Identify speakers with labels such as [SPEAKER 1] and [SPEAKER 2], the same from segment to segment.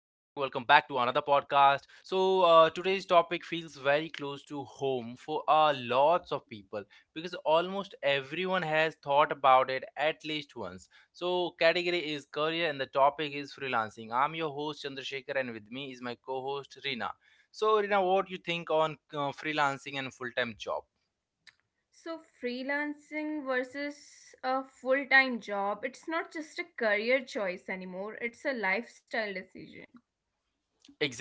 [SPEAKER 1] to another podcast. So, today's topic feels very close to home for lots of people because almost everyone has thought about it at least once. So, category is career and the topic is freelancing. I'm your host, Chandrasekhar, and with me is my co host, Rina. So, Rina, what do you think on freelancing and full time job?
[SPEAKER 2] So, freelancing versus a full time job, it's not just a career choice anymore, it's a lifestyle decision,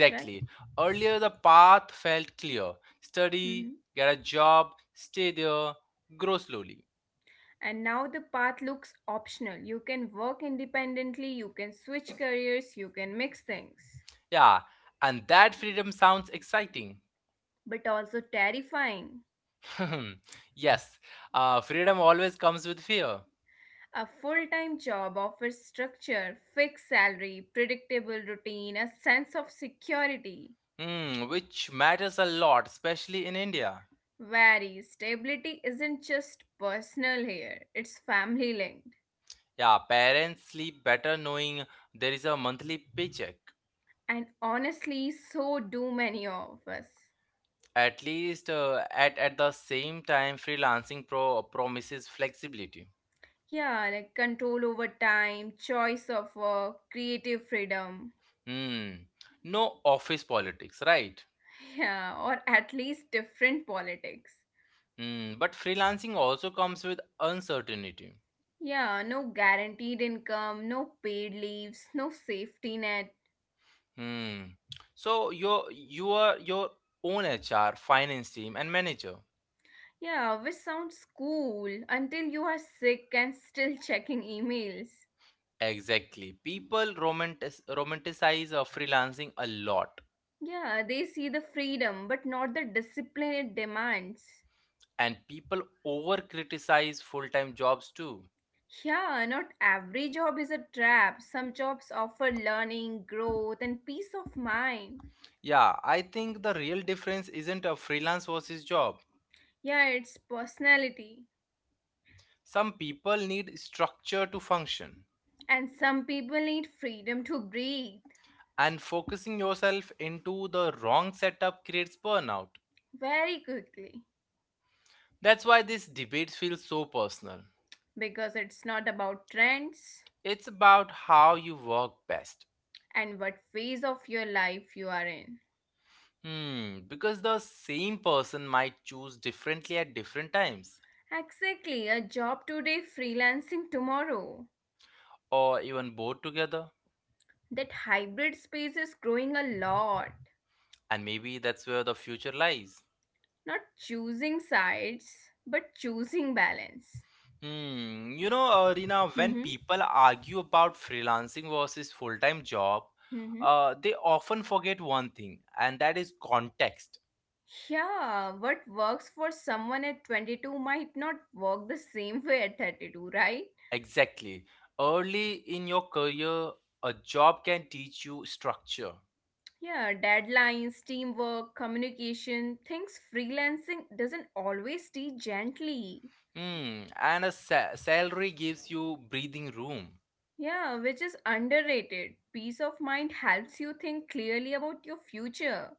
[SPEAKER 2] right?
[SPEAKER 1] Earlier, the path felt clear,
[SPEAKER 2] hmm
[SPEAKER 1] study, get a job, stay there, grow slowly.
[SPEAKER 2] And now the path looks optional. You can work independently, you can switch careers, you can mix things,
[SPEAKER 1] Yeah, and that freedom sounds exciting.
[SPEAKER 2] but also terrifying.
[SPEAKER 1] Yes, freedom always comes with fear.
[SPEAKER 2] A full time job offers structure, fixed salary, predictable routine, a sense of security.
[SPEAKER 1] Hmm, which matters a lot, especially in India.
[SPEAKER 2] Very stability isn't just personal here, it's family linked.
[SPEAKER 1] Yeah, parents sleep better knowing there is a monthly paycheck.
[SPEAKER 2] And honestly, so do many of us.
[SPEAKER 1] At the same time, promises flexibility.
[SPEAKER 2] Yeah, like control over time, choice of work, creative freedom.
[SPEAKER 1] Hmm, no office politics, right?
[SPEAKER 2] Yeah, or at least different politics.
[SPEAKER 1] Mm, but freelancing also comes with uncertainty.
[SPEAKER 2] Yeah, no guaranteed income, no paid leaves, no safety net.
[SPEAKER 1] Hmm. You are your own HR, finance team, and manager.
[SPEAKER 2] Yeah, which sounds cool until you are sick and still checking emails.
[SPEAKER 1] Exactly. People romanticize freelancing a lot,
[SPEAKER 2] Yeah, they see the freedom but not the discipline it demands.
[SPEAKER 1] and people over criticize full time jobs too.
[SPEAKER 2] Yeah, not every job is a trap. Some jobs offer learning, growth, and peace of mind.
[SPEAKER 1] Yeah, I think the real difference isn't a freelance versus job.
[SPEAKER 2] Yeah, it's personality.
[SPEAKER 1] Some people need structure to function,
[SPEAKER 2] And some people need freedom to breathe
[SPEAKER 1] and focusing yourself into the wrong setup creates burnout.
[SPEAKER 2] very quickly
[SPEAKER 1] That's why this debate feels so personal.
[SPEAKER 2] because it's not about trends
[SPEAKER 1] It's about how you work best.
[SPEAKER 2] and what phase of your life you are in.
[SPEAKER 1] Hmm, because the same person might choose differently at different times,
[SPEAKER 2] Exactly, a job today, freelancing tomorrow.
[SPEAKER 1] or even both together,
[SPEAKER 2] That hybrid space is growing a lot.
[SPEAKER 1] and maybe that's where the future lies.
[SPEAKER 2] Not choosing sides, but choosing balance.
[SPEAKER 1] Reena, when
[SPEAKER 2] Mm-hmm.
[SPEAKER 1] people argue about freelancing versus full time job,
[SPEAKER 2] Mm-hmm.
[SPEAKER 1] they often forget one thing, and that is context.
[SPEAKER 2] Yeah, what works for someone at 22 might not work the same way at 32, right?
[SPEAKER 1] Exactly. Early in your career, a job can teach you structure.
[SPEAKER 2] Yeah, deadlines, teamwork, communication, things freelancing doesn't always teach gently.
[SPEAKER 1] Hmm. And a salary gives you breathing room.
[SPEAKER 2] Yeah, which is underrated. Peace of mind helps you think clearly about your future.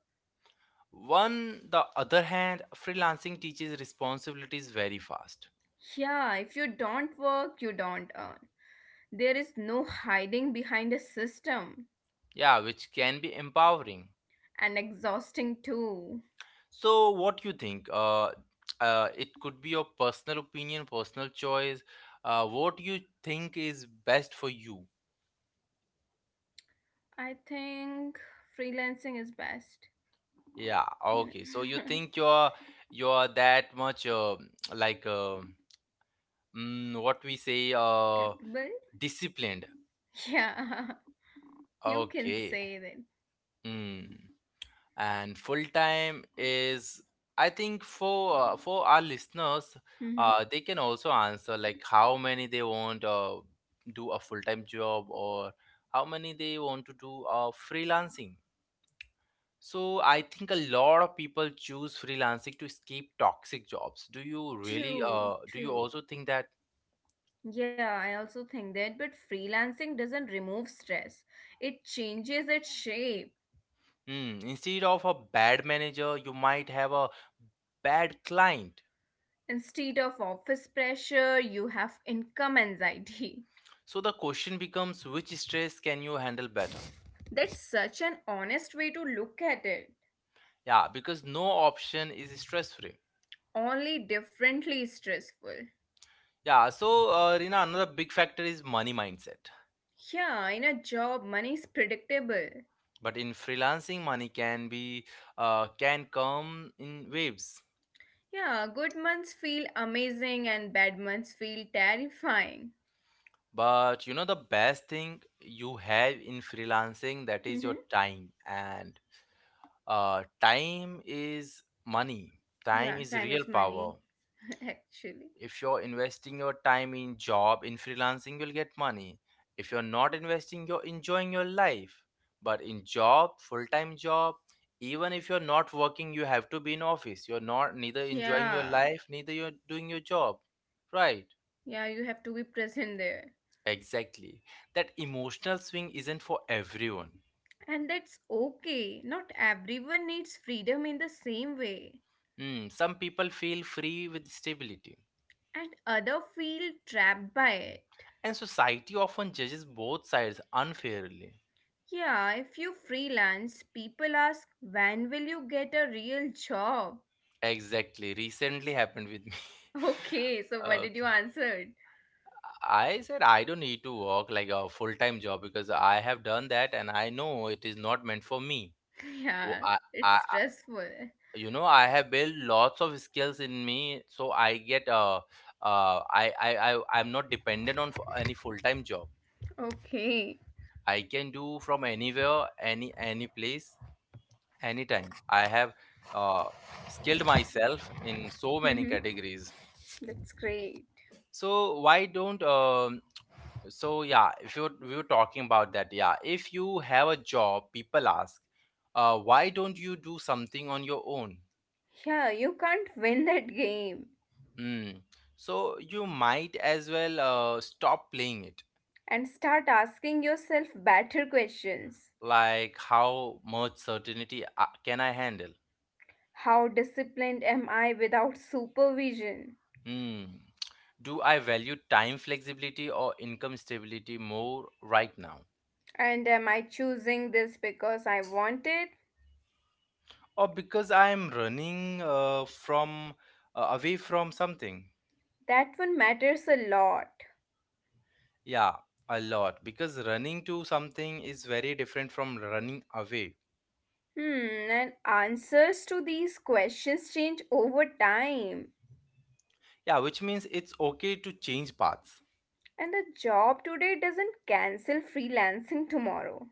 [SPEAKER 1] On the other hand, freelancing teaches responsibilities very fast.
[SPEAKER 2] Yeah, if you don't work, you don't earn. There is no hiding behind a system,
[SPEAKER 1] Yeah, which can be empowering.
[SPEAKER 2] and exhausting too.
[SPEAKER 1] So, what you think? It could be your personal opinion, personal choice. What you think is best for you?
[SPEAKER 2] I think freelancing is best.
[SPEAKER 1] Yeah.
[SPEAKER 2] you know,
[SPEAKER 1] Okay. So you think you're that much like mm, what we say
[SPEAKER 2] capable.
[SPEAKER 1] disciplined.
[SPEAKER 2] Yeah, you can
[SPEAKER 1] Okay.
[SPEAKER 2] say that.
[SPEAKER 1] Hmm. And full time is, I think for our listeners,
[SPEAKER 2] Mm-hmm.
[SPEAKER 1] they can also answer like how many they want, do a full time job, or how many they want to do freelancing. So I think a lot of people choose freelancing to escape toxic jobs.
[SPEAKER 2] True,
[SPEAKER 1] Do you also
[SPEAKER 2] true.
[SPEAKER 1] think that?
[SPEAKER 2] Yeah, I also think that, but freelancing doesn't remove stress. It changes its shape.
[SPEAKER 1] Hmm, instead of a bad manager you might have a bad client.
[SPEAKER 2] Instead of office pressure, you have income anxiety.
[SPEAKER 1] So the question becomes, which stress can you handle better?
[SPEAKER 2] That's such an honest way to look at it.
[SPEAKER 1] Yeah, because no option is stress free.
[SPEAKER 2] Only differently stressful.
[SPEAKER 1] Yeah, so Rina, another big factor is money mindset.
[SPEAKER 2] Yeah, in a job, money is predictable.
[SPEAKER 1] But in freelancing, money can be, can come in waves.
[SPEAKER 2] Yeah, good months feel amazing and bad months feel terrifying.
[SPEAKER 1] But you know the best thing you have in freelancing, that is your
[SPEAKER 2] hmm
[SPEAKER 1] time, and time is money. Time
[SPEAKER 2] Yeah,
[SPEAKER 1] is
[SPEAKER 2] time
[SPEAKER 1] real
[SPEAKER 2] is money,
[SPEAKER 1] power.
[SPEAKER 2] actually.
[SPEAKER 1] If you're investing your time in job, in freelancing, you'll get money. If you're not investing, you're enjoying your life. But in job, full-time job, even if you're not working, you have to be in office. You're not neither enjoying your
[SPEAKER 2] Yeah,
[SPEAKER 1] life, neither you're doing your job, right?
[SPEAKER 2] yeah, you have to be present there.
[SPEAKER 1] Exactly. That emotional swing isn't for everyone.
[SPEAKER 2] And that's okay. Not everyone needs freedom in the same way,
[SPEAKER 1] Hmm, some people feel free with stability,
[SPEAKER 2] and other feel trapped by it.
[SPEAKER 1] and society often judges both sides unfairly.
[SPEAKER 2] Yeah, if you freelance, people ask, when will you get a real job?
[SPEAKER 1] Exactly. Recently happened with me.
[SPEAKER 2] Okay, so what did you
[SPEAKER 1] Okay.
[SPEAKER 2] answer?
[SPEAKER 1] I said I don't need to work like a full time job because I have done that and I know it is not meant for me. Wo-
[SPEAKER 2] Yeah,
[SPEAKER 1] I,
[SPEAKER 2] it's
[SPEAKER 1] I, I-
[SPEAKER 2] stressful.
[SPEAKER 1] you know, I have built lots of skills in me, so I get I'm not dependent on any full time job.
[SPEAKER 2] Okay.
[SPEAKER 1] I can do from anywhere, any place, anytime. I have uh, skilled myself in so many categories.
[SPEAKER 2] That's great.
[SPEAKER 1] So why don't so yeah if you we were talking about that. Yeah, if you have a job, people ask, why don't you do something on your own?
[SPEAKER 2] Yeah, you can't win that game.
[SPEAKER 1] Hmm. So you might as well stop playing it.
[SPEAKER 2] And start asking yourself better questions.
[SPEAKER 1] Like, how much certainty can I handle?
[SPEAKER 2] How disciplined am I without supervision?
[SPEAKER 1] Hmm. Do I value time flexibility or income stability more right now?
[SPEAKER 2] And am I choosing this because I want it?
[SPEAKER 1] Or because I am running, from away from something?
[SPEAKER 2] That one matters a lot.
[SPEAKER 1] Yeah, a lot, because running to something is very different from running away.
[SPEAKER 2] Hmm, and answers to these questions change over time.
[SPEAKER 1] Yeah, which means it's okay to change paths.
[SPEAKER 2] And a job today doesn't cancel freelancing tomorrow.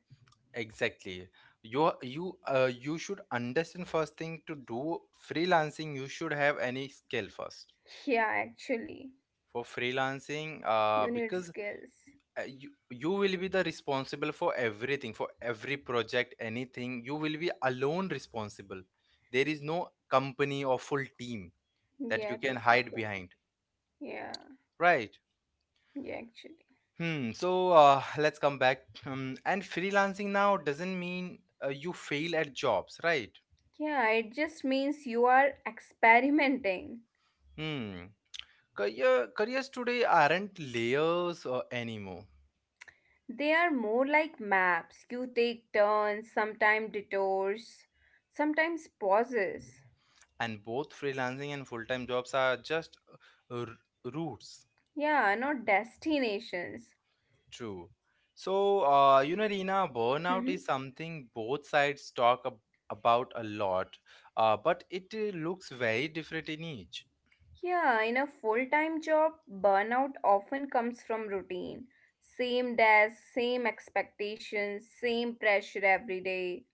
[SPEAKER 1] Exactly. You should understand, first thing to do freelancing, you should have any skill first
[SPEAKER 2] Yeah, actually,
[SPEAKER 1] for freelancing.
[SPEAKER 2] you need
[SPEAKER 1] Because
[SPEAKER 2] skills.
[SPEAKER 1] you will be the responsible for everything, for every project, anything. You will be alone responsible. There is no company or full team that you
[SPEAKER 2] Yeah,
[SPEAKER 1] can
[SPEAKER 2] to
[SPEAKER 1] hide
[SPEAKER 2] support.
[SPEAKER 1] behind.
[SPEAKER 2] Yeah.
[SPEAKER 1] Right.
[SPEAKER 2] Yeah, actually.
[SPEAKER 1] Hmm. So let's come back. And freelancing now doesn't mean you fail at jobs, right?
[SPEAKER 2] Yeah, it just means you are experimenting.
[SPEAKER 1] Hmm. Careers today aren't layers anymore,
[SPEAKER 2] They are more like maps. You take turns, sometimes detours, sometimes pauses.
[SPEAKER 1] and both freelancing and full-time jobs are just routes.
[SPEAKER 2] Yeah, not destinations.
[SPEAKER 1] True. So you know, Reena, burnout is
[SPEAKER 2] Mhm.
[SPEAKER 1] something both sides talk about a lot, but it looks very different in each.
[SPEAKER 2] Yeah, in a full time job, burnout often comes from routine. Same desk, same expectations, same pressure every day.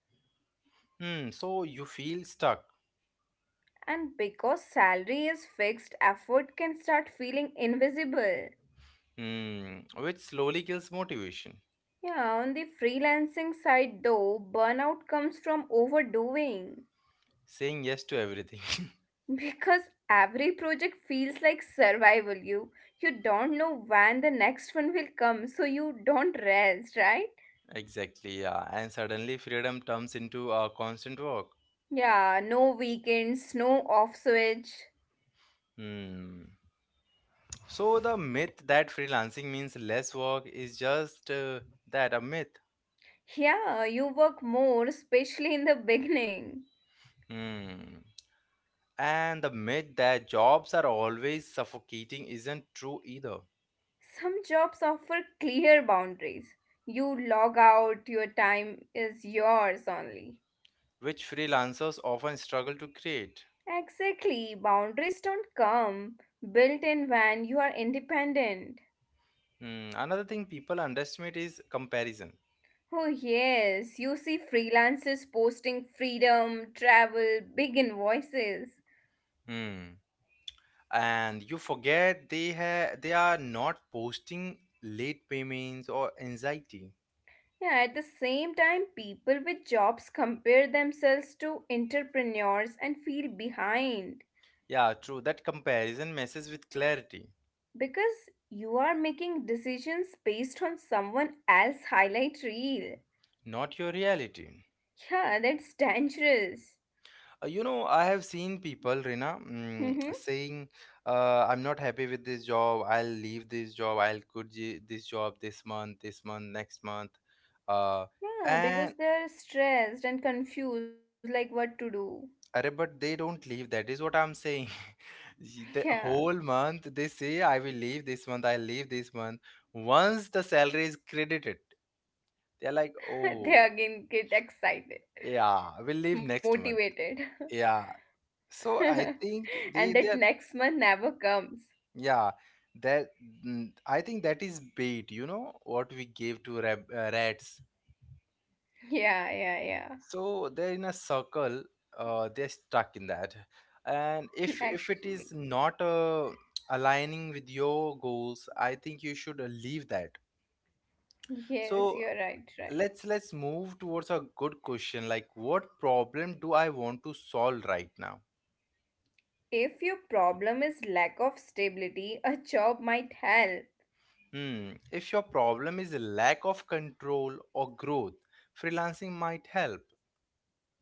[SPEAKER 1] Hmm. So you feel stuck.
[SPEAKER 2] And because salary is fixed, effort can start feeling invisible.
[SPEAKER 1] Hmm, which slowly kills motivation.
[SPEAKER 2] Yeah, on the freelancing side though, burnout comes from overdoing
[SPEAKER 1] Saying yes to everything.
[SPEAKER 2] because every project feels like survival. You don't know when the next one will come, so you don't rest, right?
[SPEAKER 1] Exactly, yeah. And suddenly freedom turns into a constant work.
[SPEAKER 2] Yeah, no weekends, no off switch.
[SPEAKER 1] Hmm. So the myth that freelancing means less work is just that a myth.
[SPEAKER 2] Yeah, you work more, especially in the beginning.
[SPEAKER 1] Hmm. And the myth that jobs are always suffocating isn't true either,
[SPEAKER 2] Some jobs offer clear boundaries. You log out, your time is yours only.
[SPEAKER 1] which freelancers often struggle to create.
[SPEAKER 2] Exactly. Boundaries don't come built in when you are independent.
[SPEAKER 1] Hmm. Another thing people underestimate is comparison.
[SPEAKER 2] Oh, yes, you see freelancers posting freedom, travel, big invoices.
[SPEAKER 1] Hmm. And you forget, they are not posting late payments or anxiety.
[SPEAKER 2] Yeah, at the same time, people with jobs compare themselves to entrepreneurs and feel behind
[SPEAKER 1] Yeah, true, that comparison messes with clarity,
[SPEAKER 2] because you are making decisions based on someone else's highlight reel.
[SPEAKER 1] not your reality.
[SPEAKER 2] Yeah, that's dangerous.
[SPEAKER 1] You know, I have seen people, Rina, saying, I'm not happy with this job, I'll leave this job, I'll quit this job, this month, this month, next month, uh,
[SPEAKER 2] Yeah,
[SPEAKER 1] and."
[SPEAKER 2] because they're stressed and confused, like what to do.
[SPEAKER 1] Arre, but they don't leave. That is what I'm saying. The whole
[SPEAKER 2] Yeah,
[SPEAKER 1] month they say, I will leave this month, I'll leave this month. Once the salary is credited, they're like,
[SPEAKER 2] they
[SPEAKER 1] oh,
[SPEAKER 2] again get excited,
[SPEAKER 1] yeah, we'll leave next month.
[SPEAKER 2] motivated,
[SPEAKER 1] Yeah. So I think
[SPEAKER 2] and that
[SPEAKER 1] they are,
[SPEAKER 2] next month never comes.
[SPEAKER 1] yeah, that, mm, I think that is bait, you know, what we gave to rab rats.
[SPEAKER 2] Yeah, yeah, yeah.
[SPEAKER 1] So they're in a circle, they're stuck in that. And if if it is
[SPEAKER 2] Actually,
[SPEAKER 1] not aligning with your goals, I think you should leave that. So
[SPEAKER 2] yes, you're right, right.
[SPEAKER 1] let's move towards a good question, like, what problem do I want to solve right now?
[SPEAKER 2] If your problem is lack of stability, a job might help,
[SPEAKER 1] Hmm, if your problem is lack of control or growth, freelancing might help.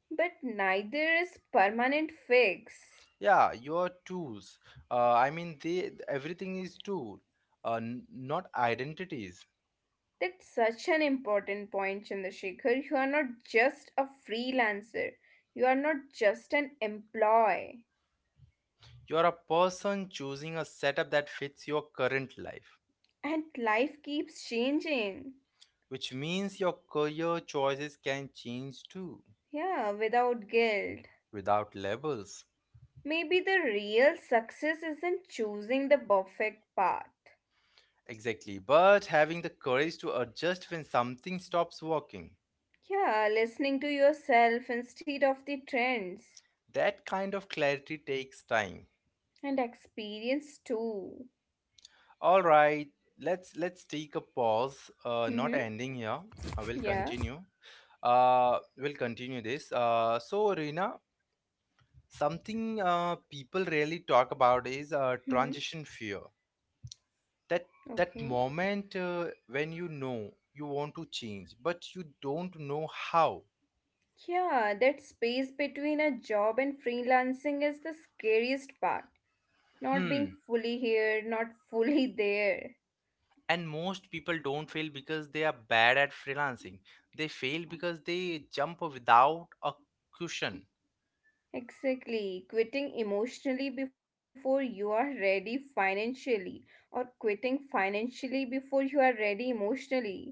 [SPEAKER 2] but neither is permanent fix.
[SPEAKER 1] Yeah, your tools, I mean, they, everything is tool, uh, n- not identities.
[SPEAKER 2] That's such an important point, Chandrasekhar. You are not just a freelancer, you are not just an employee.
[SPEAKER 1] You're a person choosing a setup that fits your current life,
[SPEAKER 2] And life keeps changing.
[SPEAKER 1] which means your career choices can change too,
[SPEAKER 2] Yeah, without guilt.
[SPEAKER 1] without labels.
[SPEAKER 2] Maybe the real success isn't choosing the perfect path.
[SPEAKER 1] Exactly, but having the courage to adjust when something stops working.
[SPEAKER 2] Yeah, listening to yourself instead of the trends
[SPEAKER 1] That kind of clarity takes time.
[SPEAKER 2] and experience too.
[SPEAKER 1] All right, let's take a pause. Not
[SPEAKER 2] Mm-hmm.
[SPEAKER 1] ending here. I will
[SPEAKER 2] Yeah.
[SPEAKER 1] continue. We'll continue this. So, Reena, something people rarely talk about is
[SPEAKER 2] Mm-hmm.
[SPEAKER 1] transition fear. That that
[SPEAKER 2] Okay.
[SPEAKER 1] moment when you know you want to change but you don't know how.
[SPEAKER 2] Yeah, that space between a job and freelancing is the scariest part. Not being
[SPEAKER 1] Hmm.
[SPEAKER 2] fully here, not fully there.
[SPEAKER 1] And most people don't fail because they are bad at freelancing, they fail because they jump without a cushion.
[SPEAKER 2] Exactly. Quitting emotionally before you are ready financially, or quitting financially before you are ready emotionally.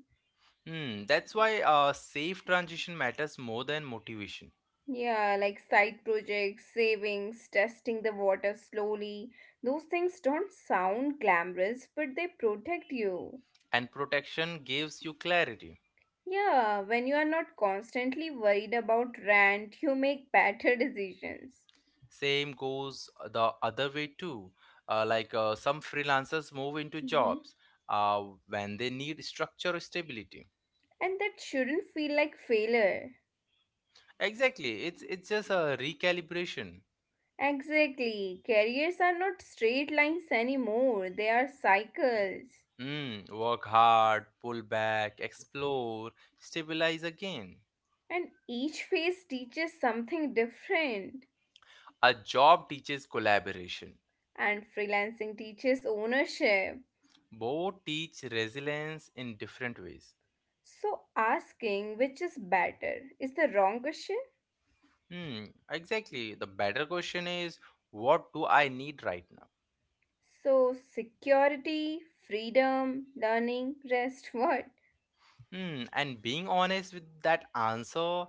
[SPEAKER 1] Hmm, that's why a safe transition matters more than motivation.
[SPEAKER 2] Yeah, like side projects, savings, testing the water slowly. Those things don't sound glamorous, but they protect you.
[SPEAKER 1] And protection gives you clarity.
[SPEAKER 2] Yeah, when you are not constantly worried about rent, you make better decisions.
[SPEAKER 1] Same goes the other way too, like some freelancers move into
[SPEAKER 2] Mhm.
[SPEAKER 1] jobs uh, when they need structure or stability.
[SPEAKER 2] And that shouldn't feel like failure.
[SPEAKER 1] Exactly. It's just a recalibration.
[SPEAKER 2] Exactly. Careers are not straight lines anymore, they are cycles.
[SPEAKER 1] Mm, work hard, pull back, explore, stabilize again.
[SPEAKER 2] And each phase teaches something different.
[SPEAKER 1] A job teaches collaboration.
[SPEAKER 2] And freelancing teaches ownership.
[SPEAKER 1] Both teach resilience in different ways.
[SPEAKER 2] So, asking which is better is the wrong question.
[SPEAKER 1] Hmm, exactly. The better question is, what do I need right now?
[SPEAKER 2] So, security, freedom, learning, rest, what?
[SPEAKER 1] Hmm, and being honest with that answer,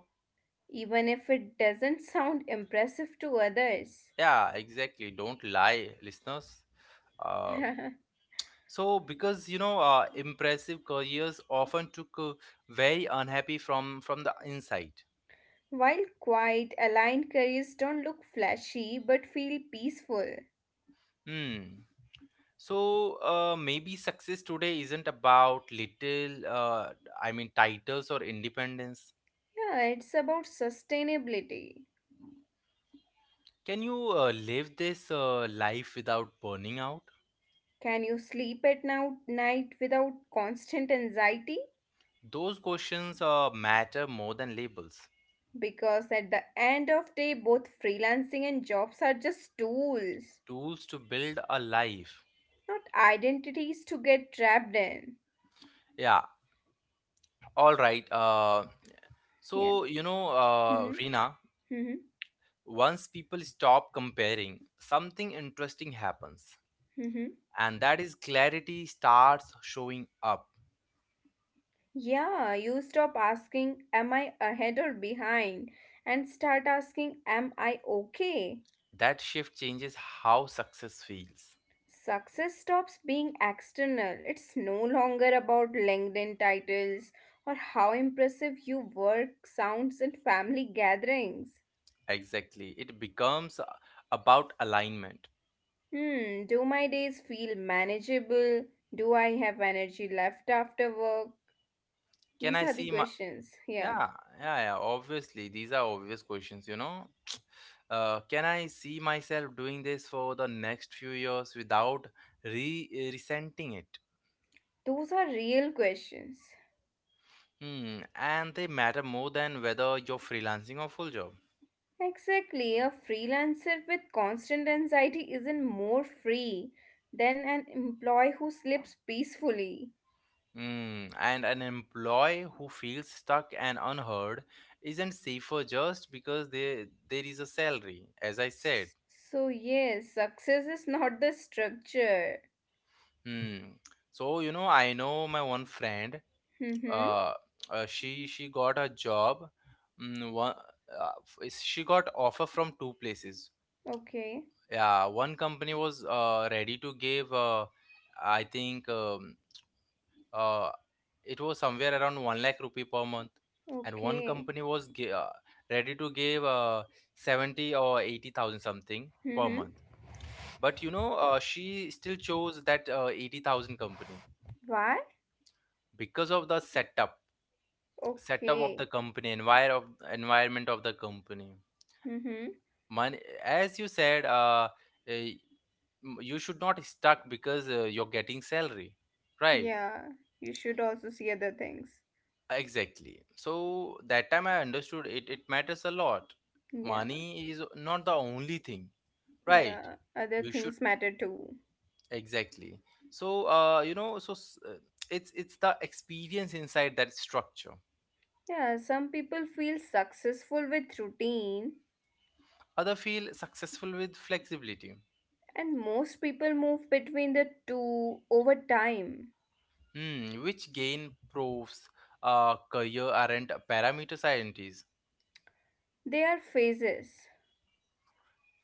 [SPEAKER 2] Even if it doesn't sound impressive to others.
[SPEAKER 1] yeah, exactly. Don't lie, listeners. Uh. So, because you know, impressive careers often took very unhappy from the inside.
[SPEAKER 2] While quiet, aligned careers don't look flashy but feel peaceful.
[SPEAKER 1] Hmm. So maybe success today isn't about little, I mean, titles or independence.
[SPEAKER 2] Yeah, it's about sustainability.
[SPEAKER 1] Can you live this life without burning out?
[SPEAKER 2] Can you sleep at now, night without constant anxiety?
[SPEAKER 1] Those questions matter more than labels.
[SPEAKER 2] Because at the end of day, both freelancing and jobs are just tools,
[SPEAKER 1] Tools to build a life.
[SPEAKER 2] not identities to get trapped in.
[SPEAKER 1] Yeah. All right.
[SPEAKER 2] Yeah.
[SPEAKER 1] So you know,
[SPEAKER 2] Mm-hmm.
[SPEAKER 1] Rina,
[SPEAKER 2] Mm-hmm.
[SPEAKER 1] once people stop comparing, something interesting happens,
[SPEAKER 2] Mm-hmm.
[SPEAKER 1] and that is, clarity starts showing up.
[SPEAKER 2] Yeah, you stop asking, am I ahead or behind? And start asking, am I okay?
[SPEAKER 1] That shift changes how success feels.
[SPEAKER 2] Success stops being external. It's no longer about LinkedIn titles or how impressive you work sounds at family gatherings.
[SPEAKER 1] Exactly. It becomes about alignment.
[SPEAKER 2] Hmm, do my days feel manageable? Do I have energy left after work?
[SPEAKER 1] Can
[SPEAKER 2] These
[SPEAKER 1] I
[SPEAKER 2] are the
[SPEAKER 1] see my.
[SPEAKER 2] questions. Yeah,
[SPEAKER 1] Yeah, yeah, yeah. Obviously, these are obvious questions, you know. Can I see myself doing this for the next few years without resenting it?
[SPEAKER 2] those are real questions.
[SPEAKER 1] Hmm, and they matter more than whether you're freelancing or full job.
[SPEAKER 2] Exactly, a freelancer with constant anxiety isn't more free than an employee who sleeps peacefully.
[SPEAKER 1] Mm, and an employee who feels stuck and unheard isn't safer just because they, there is a salary, as I said.
[SPEAKER 2] S- So, yes, success is not the structure.
[SPEAKER 1] Hmm. So, you know, I know my one friend,
[SPEAKER 2] Mm-hmm.
[SPEAKER 1] uh, she got a job. Mm, one, uh, she got offer from two places.
[SPEAKER 2] Okay.
[SPEAKER 1] Yeah, one company was ready to give, I think, um, uh, it was somewhere around 1 lakh rupee per month, and one
[SPEAKER 2] Okay.
[SPEAKER 1] company was ready to give 70 or 80,000 something per
[SPEAKER 2] Mm-hmm.
[SPEAKER 1] month. But she still chose that 80,000 company
[SPEAKER 2] Why?
[SPEAKER 1] because of the setup. Setup of
[SPEAKER 2] Okay.
[SPEAKER 1] the company, environment of the company.
[SPEAKER 2] Mm-hmm.
[SPEAKER 1] Money, as you said, eh, you should not stuck because you're getting salary, right?
[SPEAKER 2] Yeah, you should also see other things.
[SPEAKER 1] Exactly. So that time I understood it, it matters a lot.
[SPEAKER 2] Yeah,
[SPEAKER 1] Money is not the only thing, right?
[SPEAKER 2] yeah, other
[SPEAKER 1] You should,
[SPEAKER 2] things matter too.
[SPEAKER 1] exactly. So it's the experience inside that structure.
[SPEAKER 2] Yeah, some people feel successful with routine,
[SPEAKER 1] Other feel successful with flexibility.
[SPEAKER 2] and most people move between the two over time.
[SPEAKER 1] Hmm, which gain proves career aren't parameter scientists.
[SPEAKER 2] They are phases.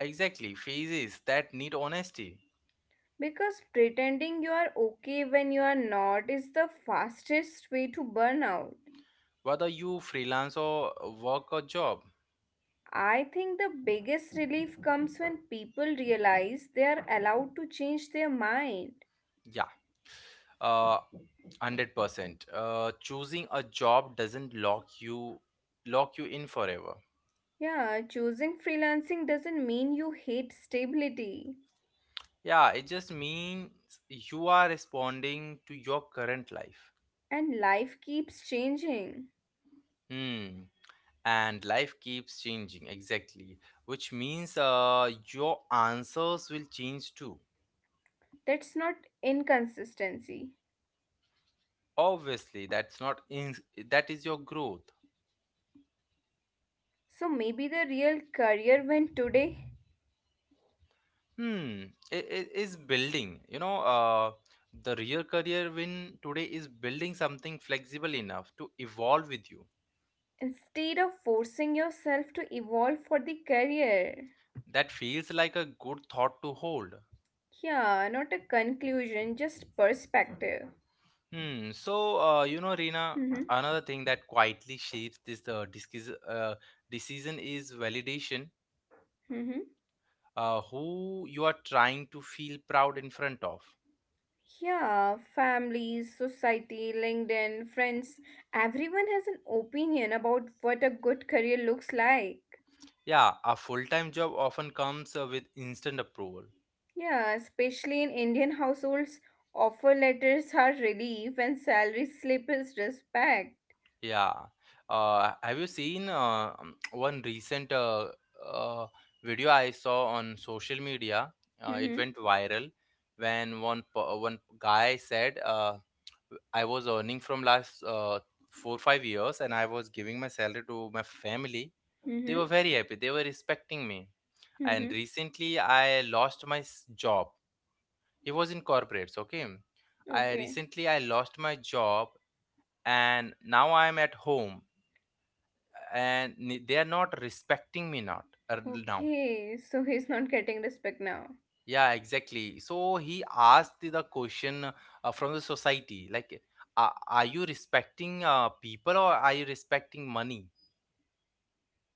[SPEAKER 1] Exactly, phases that need honesty.
[SPEAKER 2] Because pretending you are okay when you are not is the fastest way to burn out.
[SPEAKER 1] Whether you freelance or work a job.
[SPEAKER 2] I think the biggest relief comes when people realize they are allowed to change their mind.
[SPEAKER 1] Yeah. Uh, 100% choosing a job doesn't lock you in forever.
[SPEAKER 2] Yeah, choosing freelancing doesn't mean you hate stability.
[SPEAKER 1] Yeah, it just means you are responding to your current life.
[SPEAKER 2] And life keeps changing.
[SPEAKER 1] Hmm, and life keeps changing, exactly, which means your answers will change too.
[SPEAKER 2] That's not inconsistency.
[SPEAKER 1] Obviously that's not in that is your growth.
[SPEAKER 2] So maybe the real career win today
[SPEAKER 1] Hmm, it is building, the real career win today is building something flexible enough to evolve with you.
[SPEAKER 2] instead of forcing yourself to evolve for the career.
[SPEAKER 1] That feels like a good thought to hold.
[SPEAKER 2] Yeah, not a conclusion, just perspective.
[SPEAKER 1] Hmm. So, Rina,
[SPEAKER 2] Mm-hmm.
[SPEAKER 1] another thing that quietly shapes this decision is validation.
[SPEAKER 2] Mm-hmm.
[SPEAKER 1] Who you are trying to feel proud in front of.
[SPEAKER 2] Yeah, families, society, LinkedIn, friends, everyone has an opinion about what a good career looks like.
[SPEAKER 1] Yeah, a full time job often comes with instant approval.
[SPEAKER 2] Yeah, especially in Indian households, offer letters are relief and salary slip is respect.
[SPEAKER 1] Yeah. Have you seen one recent uh, video I saw on social media? It
[SPEAKER 2] Mm-hmm.
[SPEAKER 1] went viral when one guy said, "I was earning from last 4 5 years, and I was giving my salary to my family. They
[SPEAKER 2] Mm-hmm.
[SPEAKER 1] were very happy. They were respecting me.
[SPEAKER 2] Mm-hmm.
[SPEAKER 1] And recently, I lost my job. He was in corporates. Okay, I
[SPEAKER 2] Okay.
[SPEAKER 1] recently I lost my job, and now I'm at home." And they are not respecting me, not, er, now.
[SPEAKER 2] Okay. So he's not getting respect now.
[SPEAKER 1] Yeah, exactly. So he asked the question, from the society, like, "A- "are you respecting people, or are you respecting money?"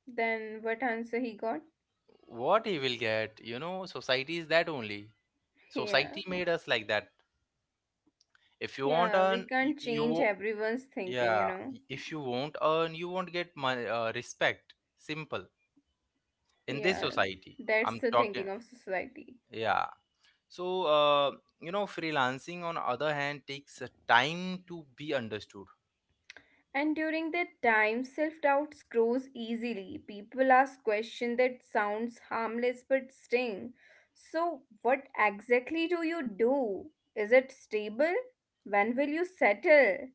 [SPEAKER 2] Then what answer he got?
[SPEAKER 1] What he will get? You know, society is that only.
[SPEAKER 2] Yeah,
[SPEAKER 1] Society made us like that. If you won't
[SPEAKER 2] yeah, we
[SPEAKER 1] earn you,
[SPEAKER 2] can't
[SPEAKER 1] you
[SPEAKER 2] change
[SPEAKER 1] wo-
[SPEAKER 2] everyone's thinking,
[SPEAKER 1] Yeah, if you won't earn, you won't get money, respect, simple, in this
[SPEAKER 2] Yeah,
[SPEAKER 1] society.
[SPEAKER 2] that's
[SPEAKER 1] I'm
[SPEAKER 2] the
[SPEAKER 1] talking.
[SPEAKER 2] thinking of society.
[SPEAKER 1] Yeah. So, freelancing on other hand takes a time to be understood.
[SPEAKER 2] And during that time, self doubts grows easily. People ask questions that sounds harmless but sting. So, what exactly do you do? Is it stable? When will you settle?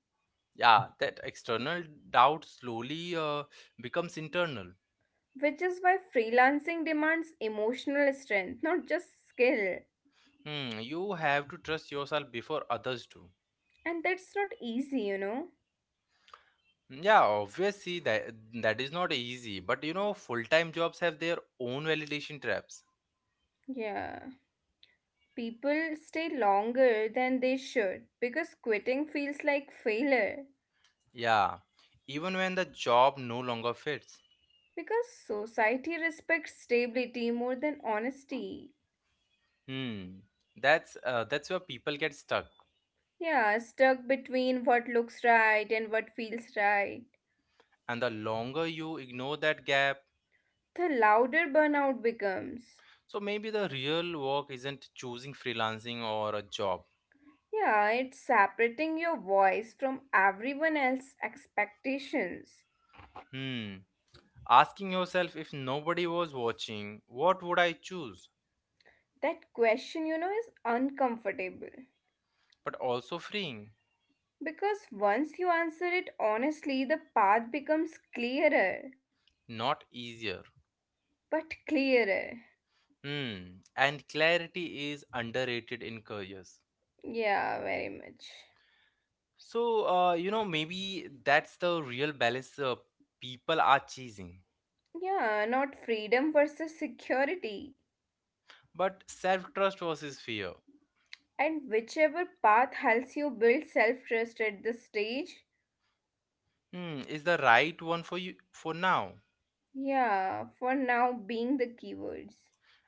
[SPEAKER 1] Yeah, that external doubt slowly becomes internal.
[SPEAKER 2] Which is why freelancing demands emotional strength, not just skill.
[SPEAKER 1] Hmm, you have to trust yourself before others do.
[SPEAKER 2] And that's not easy,
[SPEAKER 1] Yeah, obviously that is not easy, but you know, full-time jobs have their own validation traps.
[SPEAKER 2] Yeah. People stay longer than they should because quitting feels like failure.
[SPEAKER 1] Yeah, even when the job no longer fits.
[SPEAKER 2] Because society respects stability more than honesty.
[SPEAKER 1] Hmm, that's where people get stuck.
[SPEAKER 2] Yeah, stuck between what looks right and what feels right.
[SPEAKER 1] And the longer you ignore that gap.
[SPEAKER 2] The louder burnout becomes.
[SPEAKER 1] So maybe the real work isn't choosing freelancing or a job.
[SPEAKER 2] Yeah, it's separating your voice from everyone else's expectations.
[SPEAKER 1] Hmm. Asking yourself, if nobody was watching, what would I choose?
[SPEAKER 2] That question, is uncomfortable.
[SPEAKER 1] But also freeing,
[SPEAKER 2] Because once you answer it honestly, the path becomes clearer.
[SPEAKER 1] not easier.
[SPEAKER 2] But clearer.
[SPEAKER 1] Hmm. And clarity is underrated in careers.
[SPEAKER 2] Yeah, very much.
[SPEAKER 1] So, maybe that's the real balance people are chasing.
[SPEAKER 2] Yeah, not freedom versus security.
[SPEAKER 1] But self trust versus fear.
[SPEAKER 2] And whichever path helps you build self trust at this stage,
[SPEAKER 1] Hmm. Is the right one for you for now?
[SPEAKER 2] yeah, for now being the keywords.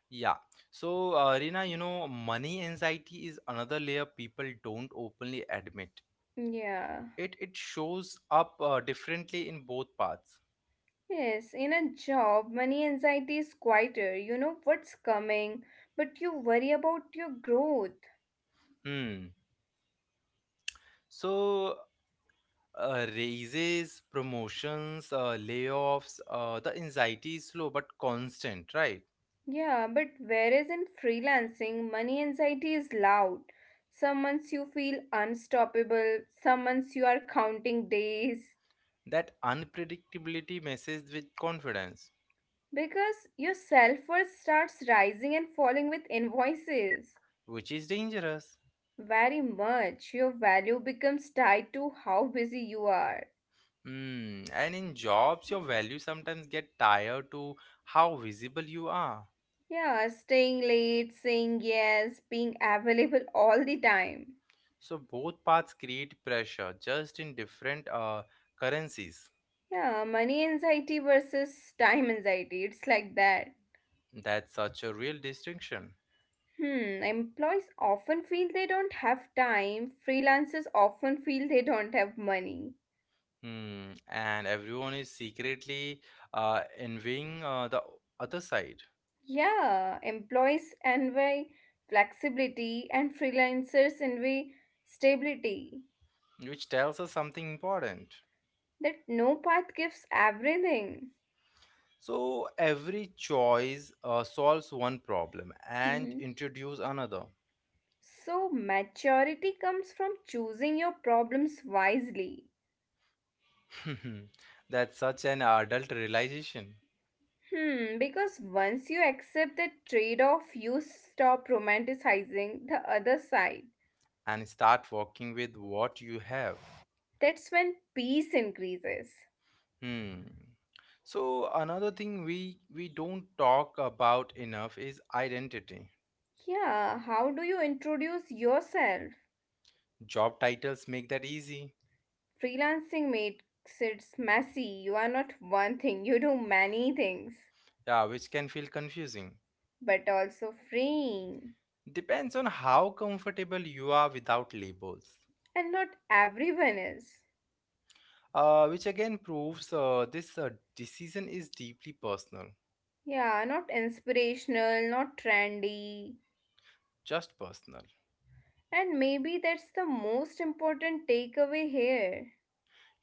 [SPEAKER 1] Yeah. So, Rina, you know, money anxiety is another layer people don't openly admit.
[SPEAKER 2] Yeah.
[SPEAKER 1] It shows up differently in both paths.
[SPEAKER 2] Yes, in a job, money anxiety is quieter. You know what's coming, but you worry about your growth.
[SPEAKER 1] Hmm. So, raises, promotions, layoffs, the anxiety is slow but constant, right?
[SPEAKER 2] Yeah, but whereas in freelancing, money anxiety is loud. Some months you feel unstoppable, some months you are counting days
[SPEAKER 1] That unpredictability messes with confidence,
[SPEAKER 2] because your self worth starts rising and falling with invoices.
[SPEAKER 1] which is dangerous.
[SPEAKER 2] Very much. Your value becomes tied to how busy you are.
[SPEAKER 1] Hmm. And in jobs, your value sometimes get tied to how visible you are.
[SPEAKER 2] Yeah, staying late, saying yes, being available all the time.
[SPEAKER 1] So both paths create pressure, just in different currencies.
[SPEAKER 2] Yeah, money anxiety versus time anxiety. It's like that.
[SPEAKER 1] That's such a real distinction.
[SPEAKER 2] Hmm, employees often feel they don't have time. Freelancers often feel they don't have money.
[SPEAKER 1] Hmm. And everyone is secretly envying the other side,
[SPEAKER 2] Yeah, employees envy flexibility and freelancers envy stability.
[SPEAKER 1] which tells us something important.
[SPEAKER 2] That no path gives everything.
[SPEAKER 1] So every choice solves one problem and
[SPEAKER 2] Mhm.
[SPEAKER 1] introduce another.
[SPEAKER 2] So, maturity comes from choosing your problems wisely.
[SPEAKER 1] That's such an adult realization.
[SPEAKER 2] Hmm, because once you accept the trade off, you stop romanticizing the other side.
[SPEAKER 1] And start working with what you have.
[SPEAKER 2] That's when peace increases.
[SPEAKER 1] Hmm. So another thing we don't talk about enough is identity.
[SPEAKER 2] Yeah, how do you introduce yourself?
[SPEAKER 1] Job titles make that easy.
[SPEAKER 2] Freelancing makes it messy. You are not one thing, you do many things,
[SPEAKER 1] Yeah, which can feel confusing.
[SPEAKER 2] but also freeing.
[SPEAKER 1] Depends on how comfortable you are without labels.
[SPEAKER 2] And not everyone is.
[SPEAKER 1] Which again proves this decision is deeply personal,
[SPEAKER 2] Yeah, not inspirational, not trendy.
[SPEAKER 1] just personal.
[SPEAKER 2] And maybe that's the most important takeaway here.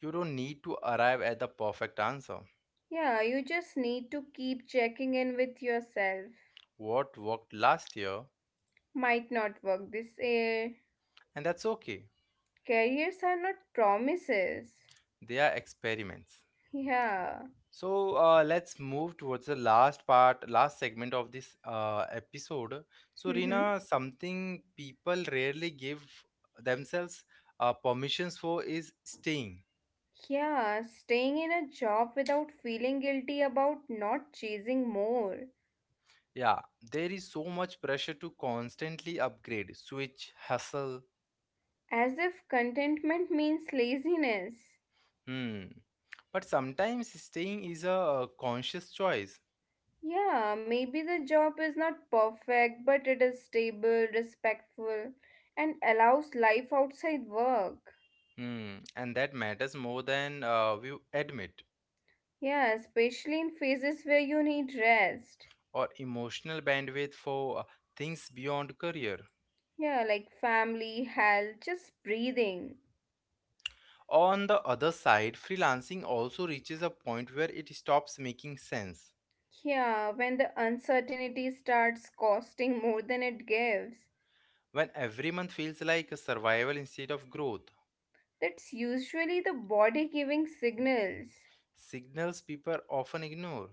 [SPEAKER 1] You don't need to arrive at the perfect answer.
[SPEAKER 2] Yeah, you just need to keep checking in with yourself.
[SPEAKER 1] What worked last year,
[SPEAKER 2] Might not work this year.
[SPEAKER 1] and that's okay.
[SPEAKER 2] Careers are not promises.
[SPEAKER 1] They are experiments.
[SPEAKER 2] Yeah.
[SPEAKER 1] So let's move towards the last part, last segment of this episode. So, Rina, something people rarely give themselves permissions for is staying.
[SPEAKER 2] Yeah, staying in a job without feeling guilty about not chasing more.
[SPEAKER 1] Yeah, there is so much pressure to constantly upgrade, switch, hustle.
[SPEAKER 2] As if contentment means laziness.
[SPEAKER 1] Hmm. But sometimes staying is a conscious choice.
[SPEAKER 2] Yeah, maybe the job is not perfect, but it is stable, respectful, and allows life outside work.
[SPEAKER 1] Hmm. And that matters more than we admit,
[SPEAKER 2] Yeah, especially in phases where you need rest.
[SPEAKER 1] or emotional bandwidth for things beyond career.
[SPEAKER 2] Yeah, like family, health, just breathing.
[SPEAKER 1] On the other side, freelancing also reaches a point where it stops making sense.
[SPEAKER 2] Yeah, when the uncertainty starts costing more than it gives.
[SPEAKER 1] When every month feels like a survival instead of growth,
[SPEAKER 2] That's usually the body giving signals.
[SPEAKER 1] signals people often ignore.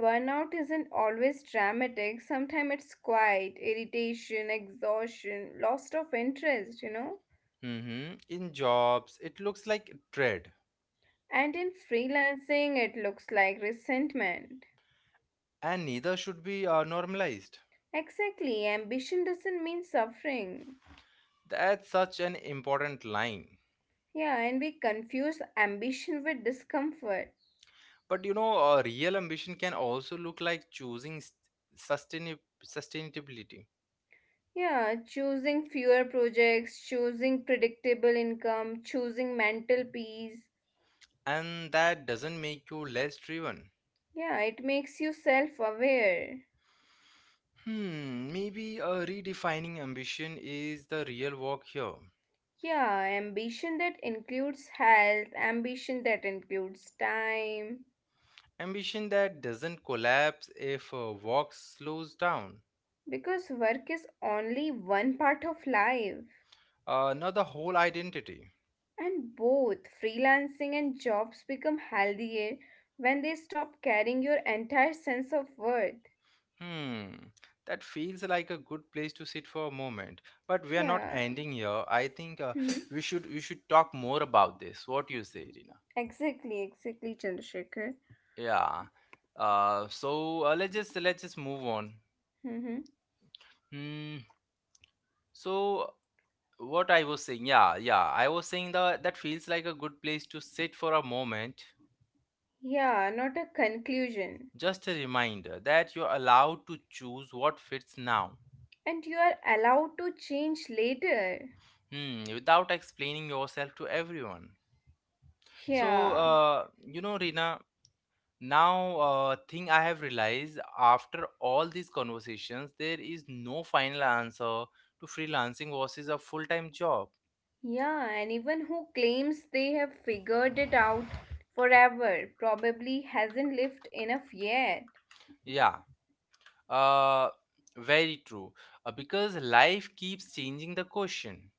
[SPEAKER 2] Burnout isn't always dramatic, sometimes it's quiet, irritation, exhaustion, loss of interest,
[SPEAKER 1] Mhm. In jobs, it looks like dread,
[SPEAKER 2] And in freelancing, it looks like resentment.
[SPEAKER 1] and neither should be normalized.
[SPEAKER 2] Exactly, ambition doesn't mean suffering.
[SPEAKER 1] That's such an important line.
[SPEAKER 2] Yeah, and we confuse ambition with discomfort.
[SPEAKER 1] But you know, real ambition can also look like choosing sustainability,
[SPEAKER 2] Yeah, choosing fewer projects, choosing predictable income, choosing mental peace.
[SPEAKER 1] and that doesn't make you less driven.
[SPEAKER 2] Yeah, it makes you self aware.
[SPEAKER 1] Hmm, maybe a redefining ambition is the real walk here.
[SPEAKER 2] Yeah, ambition that includes health, ambition that includes time.
[SPEAKER 1] Ambition that doesn't collapse if a walk slows down,
[SPEAKER 2] Because work is only one part of life.
[SPEAKER 1] not the whole identity.
[SPEAKER 2] And both freelancing and jobs become healthier when they stop carrying your entire sense of worth.
[SPEAKER 1] Hmm, that feels like a good place to sit for a moment. But we are not
[SPEAKER 2] Yeah.
[SPEAKER 1] ending here. I think
[SPEAKER 2] Mm-hmm.
[SPEAKER 1] we should talk more about this. What do you say, Rina?
[SPEAKER 2] Exactly, exactly, Chandrasekhar.
[SPEAKER 1] Yeah. So let's just move on.
[SPEAKER 2] Mm-hmm.
[SPEAKER 1] Hmm. So what I was saying, yeah, yeah, I was saying that that feels like a good place to sit for a moment.
[SPEAKER 2] Yeah, not a conclusion.
[SPEAKER 1] Just a reminder that you're allowed to choose what fits now,
[SPEAKER 2] And you are allowed to change later.
[SPEAKER 1] hmm, without explaining yourself to everyone. So,
[SPEAKER 2] Yeah.
[SPEAKER 1] Rina, now thing I have realized after all these conversations, there is no final answer to freelancing versus a full-time job.
[SPEAKER 2] Yeah, anyone who claims they have figured it out forever probably hasn't lived enough yet.
[SPEAKER 1] Yeah, uh, very true. Because life keeps changing the question.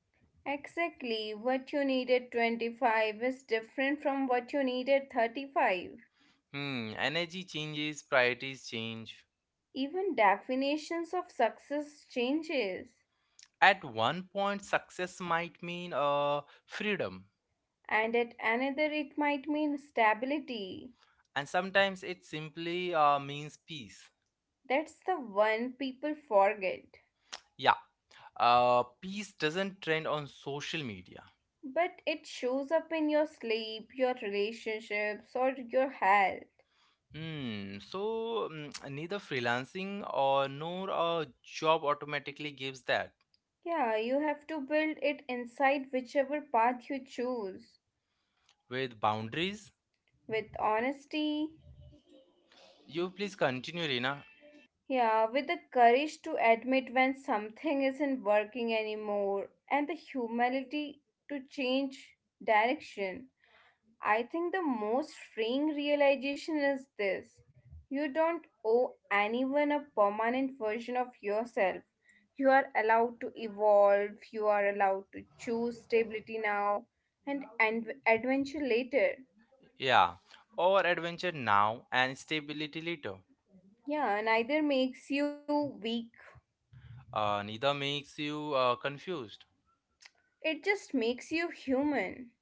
[SPEAKER 2] Exactly, what you need at 25 is different from what you need at 35.
[SPEAKER 1] Hmm, energy changes, priorities change.
[SPEAKER 2] Even definitions of success changes.
[SPEAKER 1] At one point, success might mean freedom,
[SPEAKER 2] And at another it might mean stability.
[SPEAKER 1] and sometimes it simply means peace.
[SPEAKER 2] That's the one people forget.
[SPEAKER 1] Yeah, peace doesn't trend on social media.
[SPEAKER 2] But it shows up in your sleep, your relationships, or your health.
[SPEAKER 1] Hmm, so neither freelancing or nor a job automatically gives that.
[SPEAKER 2] Yeah, you have to build it inside whichever path you choose.
[SPEAKER 1] With boundaries,
[SPEAKER 2] With honesty,
[SPEAKER 1] you please continue, Rina.
[SPEAKER 2] yeah, with the courage to admit when something isn't working anymore, and the humility to change direction. I think the most freeing realization is this you don't owe anyone a permanent version of yourself. You are allowed to evolve, you are allowed to choose stability now and adventure later.
[SPEAKER 1] Yeah, or adventure now and stability later.
[SPEAKER 2] Yeah, neither makes you weak,
[SPEAKER 1] Neither makes you confused.
[SPEAKER 2] it just makes you human.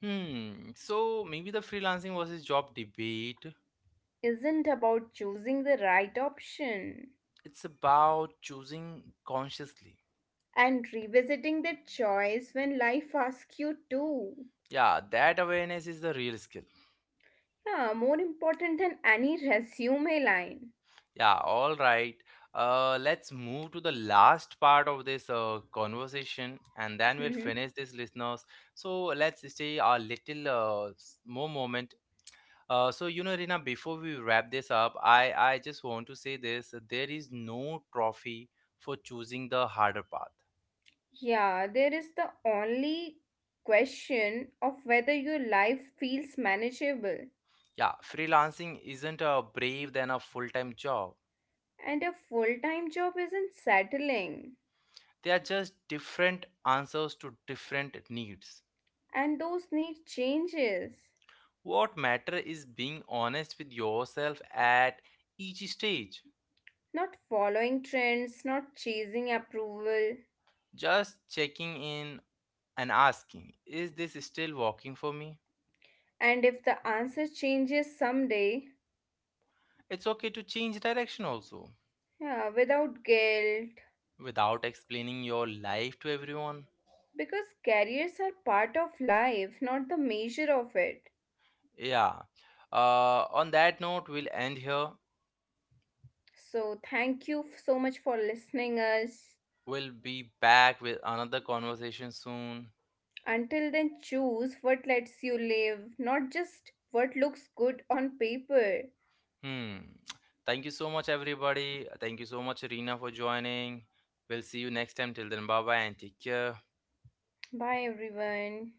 [SPEAKER 1] Hmm. So maybe the freelancing versus job debate,
[SPEAKER 2] Isn't about choosing the right option
[SPEAKER 1] it's about choosing consciously.
[SPEAKER 2] and revisiting that choice when life asks you to.
[SPEAKER 1] Yeah, that awareness is the real skill.
[SPEAKER 2] Yeah, more important than any resume line.
[SPEAKER 1] Yeah, all right. Let's move to the last part of this conversation, and then we'll finish
[SPEAKER 2] Mhm.
[SPEAKER 1] this, listeners. So let's stay a little more moment. So you know, Rina, before we wrap this up, I just want to say this: there is no trophy for choosing the harder path.
[SPEAKER 2] Yeah, there is the only question of whether your life feels manageable.
[SPEAKER 1] Yeah, freelancing isn't a brave than a full-time job.
[SPEAKER 2] And a full time job isn't settling.
[SPEAKER 1] They are just different answers to different needs.
[SPEAKER 2] And those need changes.
[SPEAKER 1] What matter is being honest with yourself at each stage.
[SPEAKER 2] Not following trends, not chasing approval.
[SPEAKER 1] Just checking in and asking, is this still working for me?
[SPEAKER 2] And if the answer changes someday,
[SPEAKER 1] It's okay to change direction also
[SPEAKER 2] yeah, without guilt.
[SPEAKER 1] without explaining your life to everyone.
[SPEAKER 2] Because careers are part of life, not the measure of it.
[SPEAKER 1] Yeah. On that note, we'll end here.
[SPEAKER 2] So thank you f- so much for listening us.
[SPEAKER 1] We'll be back with another conversation soon.
[SPEAKER 2] Until then choose what lets you live, not just what looks good on paper.
[SPEAKER 1] Hmm. Thank you so much, everybody. Thank you so much, Arena, for joining. We'll see you next time. Till then, bye bye and take care.
[SPEAKER 2] Bye everyone.